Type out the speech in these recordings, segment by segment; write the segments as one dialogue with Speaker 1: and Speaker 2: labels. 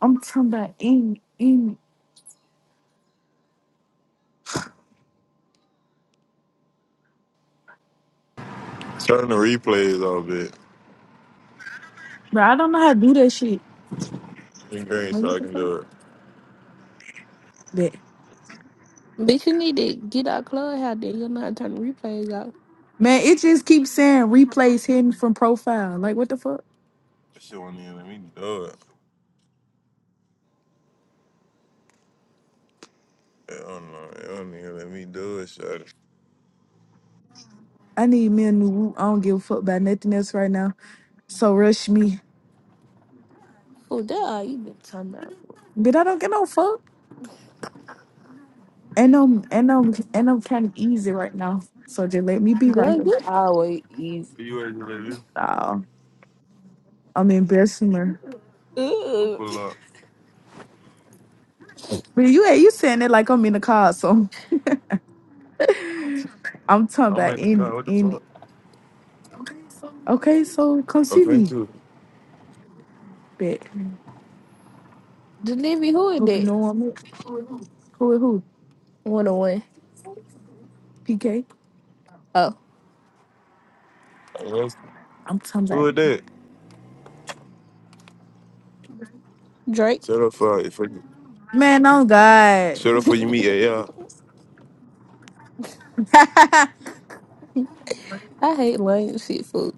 Speaker 1: I'm talking about in in
Speaker 2: Turn the replays off, bitch.
Speaker 1: bro. I don't know how to do that shit.
Speaker 2: It's green
Speaker 1: Like
Speaker 2: so
Speaker 1: what
Speaker 2: I
Speaker 1: the
Speaker 2: can
Speaker 1: fuck?
Speaker 2: do it.
Speaker 1: That
Speaker 3: Bitch, you need to get out club out there. You're not turning replays out.
Speaker 1: man, it just keeps saying replays hidden from profile. Like what the fuck?
Speaker 2: That shit won't even let me do it. I don't know. It won't even let me do it, shawty.
Speaker 1: I need me a new whoop. I don't give a fuck about nothing else right now. So rush me.
Speaker 3: Fool, that all you been talking about for.
Speaker 1: But I don't get no fuck. And I'm and I'm and I'm kinda easy right now. So just let me be right
Speaker 3: Girl,
Speaker 1: here.
Speaker 3: you always easy.
Speaker 2: you ready, baby?
Speaker 1: Oh, I'm embarrassing her.
Speaker 2: I'm
Speaker 3: Ugh.
Speaker 2: pull up.
Speaker 1: But you you saying it like I'm in the car, so I'm talking
Speaker 2: I'm
Speaker 1: about
Speaker 2: in the
Speaker 1: in
Speaker 2: car. What the
Speaker 1: in
Speaker 2: fuck?
Speaker 1: Okay, so come
Speaker 2: I'm
Speaker 1: see me.
Speaker 2: into it.
Speaker 1: Bet.
Speaker 3: Delivery, who is
Speaker 1: Hope you
Speaker 3: that?
Speaker 1: know I'm it. Who is who?
Speaker 3: 101. Oh, one.
Speaker 1: PK.
Speaker 3: Oh,
Speaker 2: I lost- it.
Speaker 1: I'm I'm like,
Speaker 2: Who is that?
Speaker 3: Drake.
Speaker 2: Shut up for if I,
Speaker 1: man, oh God.
Speaker 2: shut up for you meet AR.
Speaker 3: I hate lame shit food.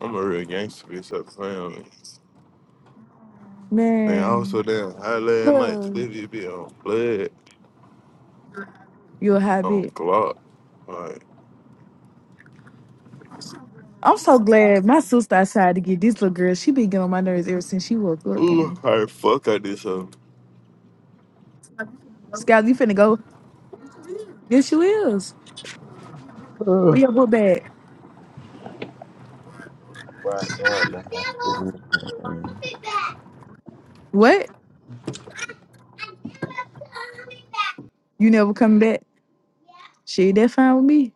Speaker 2: I'm a real gangster, bitch. Stop playing with me. Man, I was
Speaker 1: man,
Speaker 2: so damn high last night.
Speaker 3: Delivery,
Speaker 2: Today we be on blood,
Speaker 1: you a hot
Speaker 2: on
Speaker 1: bitch.
Speaker 2: clock. Like,
Speaker 1: I'm so glad my sister tried to get this little girl. She been getting on my nerves ever since she was a little
Speaker 2: ooh,
Speaker 1: game.
Speaker 2: how the fuck I did something.
Speaker 1: Scout, you finna go? Yes, you is.
Speaker 4: Ugh.
Speaker 1: Where your book bag?
Speaker 4: Well, I know I left my shit in the thing.
Speaker 1: What? You never come back? She that fine with me?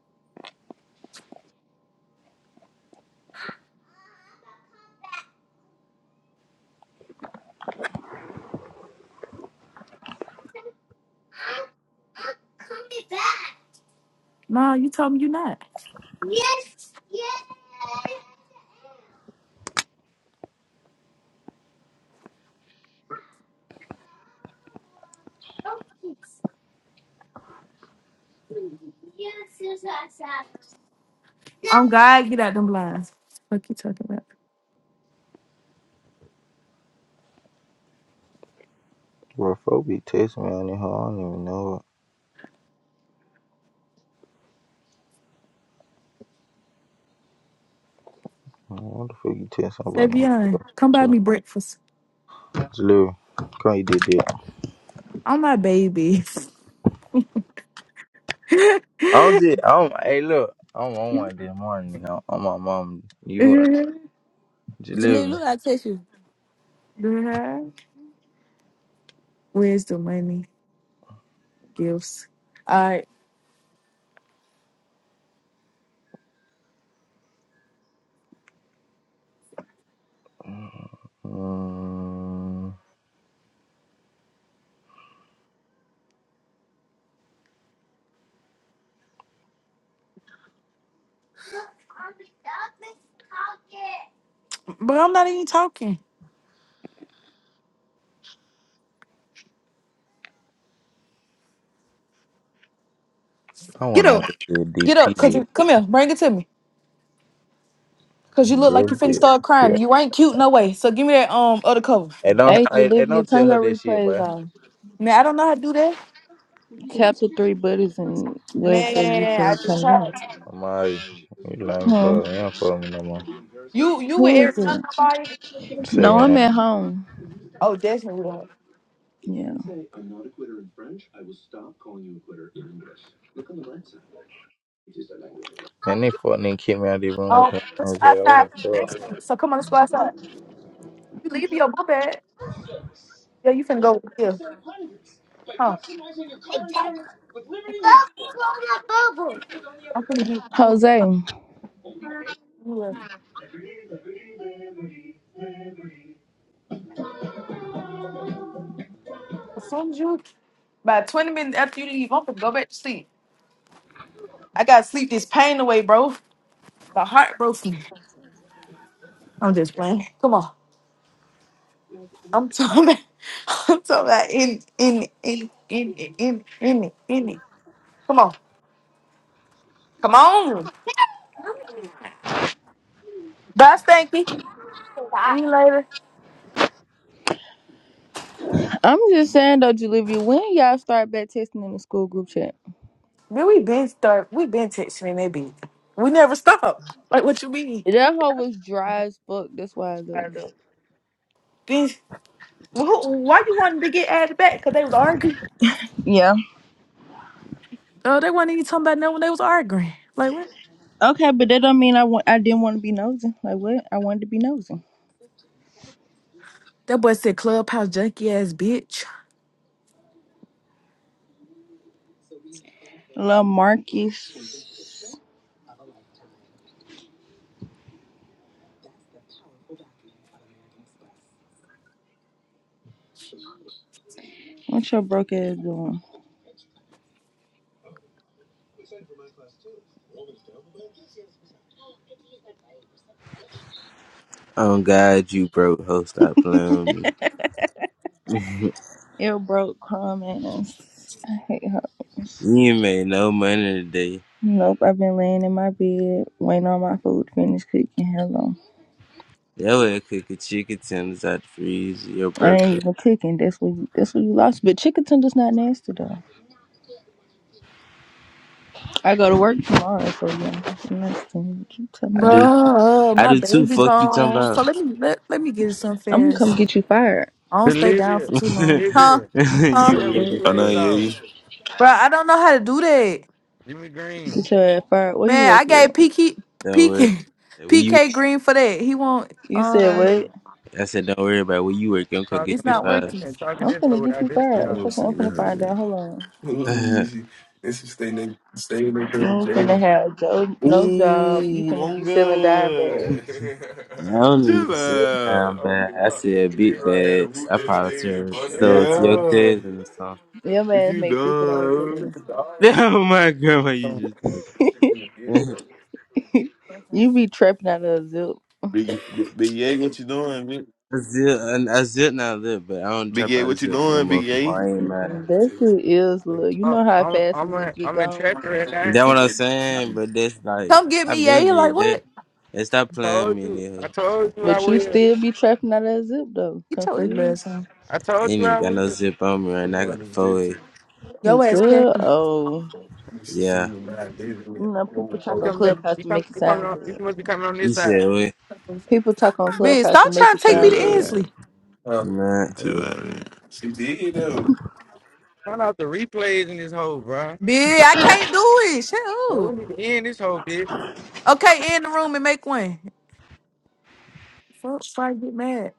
Speaker 1: No, you told me you not. I'm God, get out them blinds. Fuck you talking about?
Speaker 4: Bro, folk be texting me on the hall. I don't even know what. Man, What the fuck you texting about no
Speaker 1: Savion,
Speaker 4: girl?
Speaker 1: come buy
Speaker 4: Bro,
Speaker 1: me breakfast.
Speaker 4: it's Lou. Come you did that.
Speaker 1: I'm my baby.
Speaker 4: I'm just, I'm, hey, look. I'm on one this morning. nigga. I'm, my mom. You want to live?
Speaker 3: look, I text you.
Speaker 1: Uh-huh. Where's the money? Gifts. All right.
Speaker 4: Mm,
Speaker 1: But I'm not even talking.
Speaker 4: I
Speaker 1: Get
Speaker 4: want to know
Speaker 1: up.
Speaker 4: what the
Speaker 1: Get up.
Speaker 4: DP
Speaker 1: Cause
Speaker 4: with.
Speaker 1: you, come here. Bring it to me. Cause you look like you
Speaker 4: That
Speaker 1: finna
Speaker 4: bitch.
Speaker 1: start crying.
Speaker 4: Yeah.
Speaker 1: You ain't cute no way. So give me that um other cover.
Speaker 4: Hey, don't,
Speaker 5: Hey,
Speaker 4: hey, hey,
Speaker 5: Olivia,
Speaker 4: don't tell
Speaker 5: turn
Speaker 4: her
Speaker 5: your
Speaker 4: that shit,
Speaker 5: replays
Speaker 4: boy.
Speaker 5: off.
Speaker 1: Man, I don't know how to do that.
Speaker 5: Chapter 3 Buddhism, where it says you
Speaker 1: Man, I
Speaker 5: can
Speaker 1: just
Speaker 5: turn it off.
Speaker 1: tried to.
Speaker 4: I'm alright. You lying
Speaker 5: Hmm.
Speaker 4: for, her. you don't for me no more.
Speaker 1: You you with
Speaker 5: Who is
Speaker 1: Ariana
Speaker 5: it?
Speaker 1: nobody?
Speaker 4: Say
Speaker 5: No,
Speaker 4: me.
Speaker 5: I'm
Speaker 4: huh?
Speaker 5: at home.
Speaker 1: Oh, definitely. don't.
Speaker 5: Yeah.
Speaker 4: Man, they fucking kicked me out of the room
Speaker 1: Oh,
Speaker 4: because I
Speaker 1: let's
Speaker 4: was
Speaker 1: go
Speaker 4: there. What
Speaker 1: outside.
Speaker 4: the fuck?
Speaker 1: So come on, let's go outside. You leave your book bag. Yeah, you finna go here. Huh. I'm finna get
Speaker 5: Jose, I'm
Speaker 1: you. As soon as you about 20 minutes after you leave, I'm finna go back to sleep. I gotta sleep this pain away, bro. My heart broke me. I'm just playing. Come on. I'm talking about, I'm talking about in in in in in in in it, in it. Come on. Come on. Boss thank me.
Speaker 5: just saying though, Olivia, when y'all start back testing in the school group chat?
Speaker 1: Man, we been start we been texting maybe. We never stop. Like what you mean?
Speaker 5: That hoe was dry as fuck. That's why I
Speaker 1: I don't
Speaker 5: left.
Speaker 1: know. Then well, who- why you wanted to get added back? Cause they was arguing.
Speaker 5: Yeah.
Speaker 1: Oh, they wasn't even talking about nothing when they was arguing. Like what?
Speaker 5: Okay, but that don't mean I want. I didn't want to be nosy. Like what? I wanted to be nosy.
Speaker 1: That boy said clubhouse junkie ass bitch.
Speaker 5: Lil Marcus, what your broke ass doing?
Speaker 6: Oh God, you broke hoe, stop playing with me.
Speaker 5: Ill broke crumb ass. I hate her.
Speaker 6: you ain't made no money today.
Speaker 5: Nope, I've been laying in my bed, waiting on my food to finish cooking. Hello.
Speaker 6: That way I cook a chicken tenders out the freezer, your
Speaker 5: I
Speaker 6: broke.
Speaker 5: ain't
Speaker 6: ass.
Speaker 5: even cooking. That's what you, that's what you lost. But chicken tender's not nasty though. I go to work tomorrow, so yeah, it's nasty. What you talking
Speaker 6: I do
Speaker 5: about?
Speaker 1: Bruh,
Speaker 6: I
Speaker 1: my
Speaker 6: do too,
Speaker 1: baby's
Speaker 6: fuck you talking
Speaker 1: gone. So
Speaker 6: about.
Speaker 1: let me let, let me get some
Speaker 5: I'm gonna come
Speaker 1: fast.
Speaker 5: get you fired.
Speaker 1: I don't stay down
Speaker 7: Delivia,
Speaker 1: for too long. Huh?
Speaker 7: Delivia,
Speaker 1: Huh?
Speaker 6: you
Speaker 7: turn the
Speaker 5: Get
Speaker 6: weird
Speaker 5: your
Speaker 6: as
Speaker 2: I know,
Speaker 7: replays
Speaker 6: fuck.
Speaker 2: yeah,
Speaker 7: off.
Speaker 2: you.
Speaker 1: Bruh, I don't know how to do that.
Speaker 7: Jimmy Green
Speaker 5: get your ass fired. Where you
Speaker 1: Man,
Speaker 5: work
Speaker 1: I gave
Speaker 5: at?
Speaker 1: PK
Speaker 6: Don't worry.
Speaker 1: PK
Speaker 6: When you
Speaker 1: PK green for that. He won't
Speaker 5: You said
Speaker 1: um
Speaker 5: what?
Speaker 6: I said don't worry about where you work, I'm gonna get
Speaker 7: talking
Speaker 1: it's
Speaker 6: you
Speaker 7: this.
Speaker 1: not
Speaker 7: I
Speaker 6: fired.
Speaker 1: working.
Speaker 7: can't talking
Speaker 5: I'm
Speaker 7: this over
Speaker 5: finna get
Speaker 7: without
Speaker 5: you
Speaker 7: this
Speaker 2: I
Speaker 7: shit
Speaker 5: fired.
Speaker 2: ain't
Speaker 7: off.
Speaker 5: It's
Speaker 2: never
Speaker 5: okay. I'm
Speaker 2: seen
Speaker 5: finna
Speaker 2: that,
Speaker 5: find
Speaker 2: man.
Speaker 5: out. Hold on.
Speaker 2: Ooh, she, and she stay named stay named
Speaker 5: You
Speaker 2: Dirty
Speaker 5: ain't finna
Speaker 2: Jada.
Speaker 5: have jo- no job. You
Speaker 2: Ooh,
Speaker 5: finna
Speaker 2: long
Speaker 5: be selling dime
Speaker 2: good.
Speaker 5: bags.
Speaker 6: I don't
Speaker 2: Chill
Speaker 6: even say
Speaker 2: out.
Speaker 6: down
Speaker 2: oh
Speaker 6: bad. I
Speaker 2: God,
Speaker 6: said
Speaker 2: you
Speaker 6: big
Speaker 2: right here to
Speaker 6: bags.
Speaker 2: whoop
Speaker 6: I
Speaker 2: that
Speaker 6: probably
Speaker 2: stage in
Speaker 6: turned
Speaker 2: front of
Speaker 6: so
Speaker 7: Hell
Speaker 6: it's your
Speaker 7: nah.
Speaker 2: Jada. Yeah.
Speaker 6: cousin or something.
Speaker 5: Your
Speaker 2: Is
Speaker 5: man
Speaker 2: you
Speaker 5: make fifty dollars a
Speaker 2: done?
Speaker 5: day.
Speaker 6: oh my grandma
Speaker 7: So
Speaker 6: you just talked.
Speaker 2: She's gonna get it, man.
Speaker 5: you be trapping out of a zip.
Speaker 2: Big, Big, Big what you doing? Big,
Speaker 6: Azil, I I zip now, lit, but I don't
Speaker 2: Big
Speaker 6: trap
Speaker 2: Yay,
Speaker 6: out of
Speaker 2: what you
Speaker 6: zip no
Speaker 2: doing,
Speaker 6: more.
Speaker 2: Big A?
Speaker 6: Why ain't
Speaker 5: Mm,
Speaker 6: mad?
Speaker 5: That
Speaker 2: Six,
Speaker 5: shit is
Speaker 2: like,
Speaker 5: look. You
Speaker 7: uh,
Speaker 5: know how
Speaker 7: I'm
Speaker 5: fast a
Speaker 7: I'm
Speaker 5: zip
Speaker 7: in
Speaker 5: get
Speaker 7: I'm in
Speaker 5: gone,
Speaker 7: traffic right now.
Speaker 6: That what I'm saying, but that's like
Speaker 1: Come get
Speaker 6: I
Speaker 1: me, yeah.
Speaker 6: been
Speaker 1: He like
Speaker 6: did
Speaker 1: what?
Speaker 6: that. And stop
Speaker 7: I
Speaker 6: playing
Speaker 7: told
Speaker 6: me,
Speaker 7: you. I
Speaker 6: nigga.
Speaker 7: told you I
Speaker 5: but you
Speaker 7: will.
Speaker 5: still be trapping out of that zip though.
Speaker 1: Get your ugly
Speaker 5: Confused.
Speaker 1: ass on.
Speaker 7: I told
Speaker 6: Ain't
Speaker 7: you
Speaker 6: even
Speaker 7: I
Speaker 6: got no
Speaker 7: will.
Speaker 6: zip on me right
Speaker 2: like,
Speaker 6: now. I
Speaker 2: one
Speaker 6: got
Speaker 2: of
Speaker 6: the
Speaker 2: them
Speaker 6: four way.
Speaker 2: gentlemen,
Speaker 1: Your ass
Speaker 5: Good.
Speaker 1: Kathy.
Speaker 5: Oh,
Speaker 2: this is
Speaker 6: Yeah,
Speaker 2: soon as I did it,
Speaker 5: you know people
Speaker 2: oh,
Speaker 5: talk
Speaker 2: oh.
Speaker 5: on
Speaker 7: Come back.
Speaker 5: Clubhouse
Speaker 7: You
Speaker 5: to
Speaker 7: come.
Speaker 5: make it
Speaker 7: You coming
Speaker 5: sound
Speaker 7: on. You
Speaker 5: good.
Speaker 7: must be coming on this
Speaker 6: you
Speaker 7: side.
Speaker 6: said what,
Speaker 5: People talk on
Speaker 1: Bitch,
Speaker 5: Clubhouse to
Speaker 1: stop
Speaker 5: make
Speaker 1: trying
Speaker 5: it
Speaker 1: to take me
Speaker 5: sound
Speaker 1: to
Speaker 2: Chill
Speaker 5: good.
Speaker 1: Ensley.
Speaker 2: Oh,
Speaker 6: man?
Speaker 2: Too out of here. she did though.
Speaker 7: Turn off the replays in this hole, bro.
Speaker 1: Bitch, I can't do it. Shut
Speaker 7: Well,
Speaker 1: up.
Speaker 7: we need to end this whole bitch.
Speaker 1: Okay, in the room and make one. Fuck, before I get mad.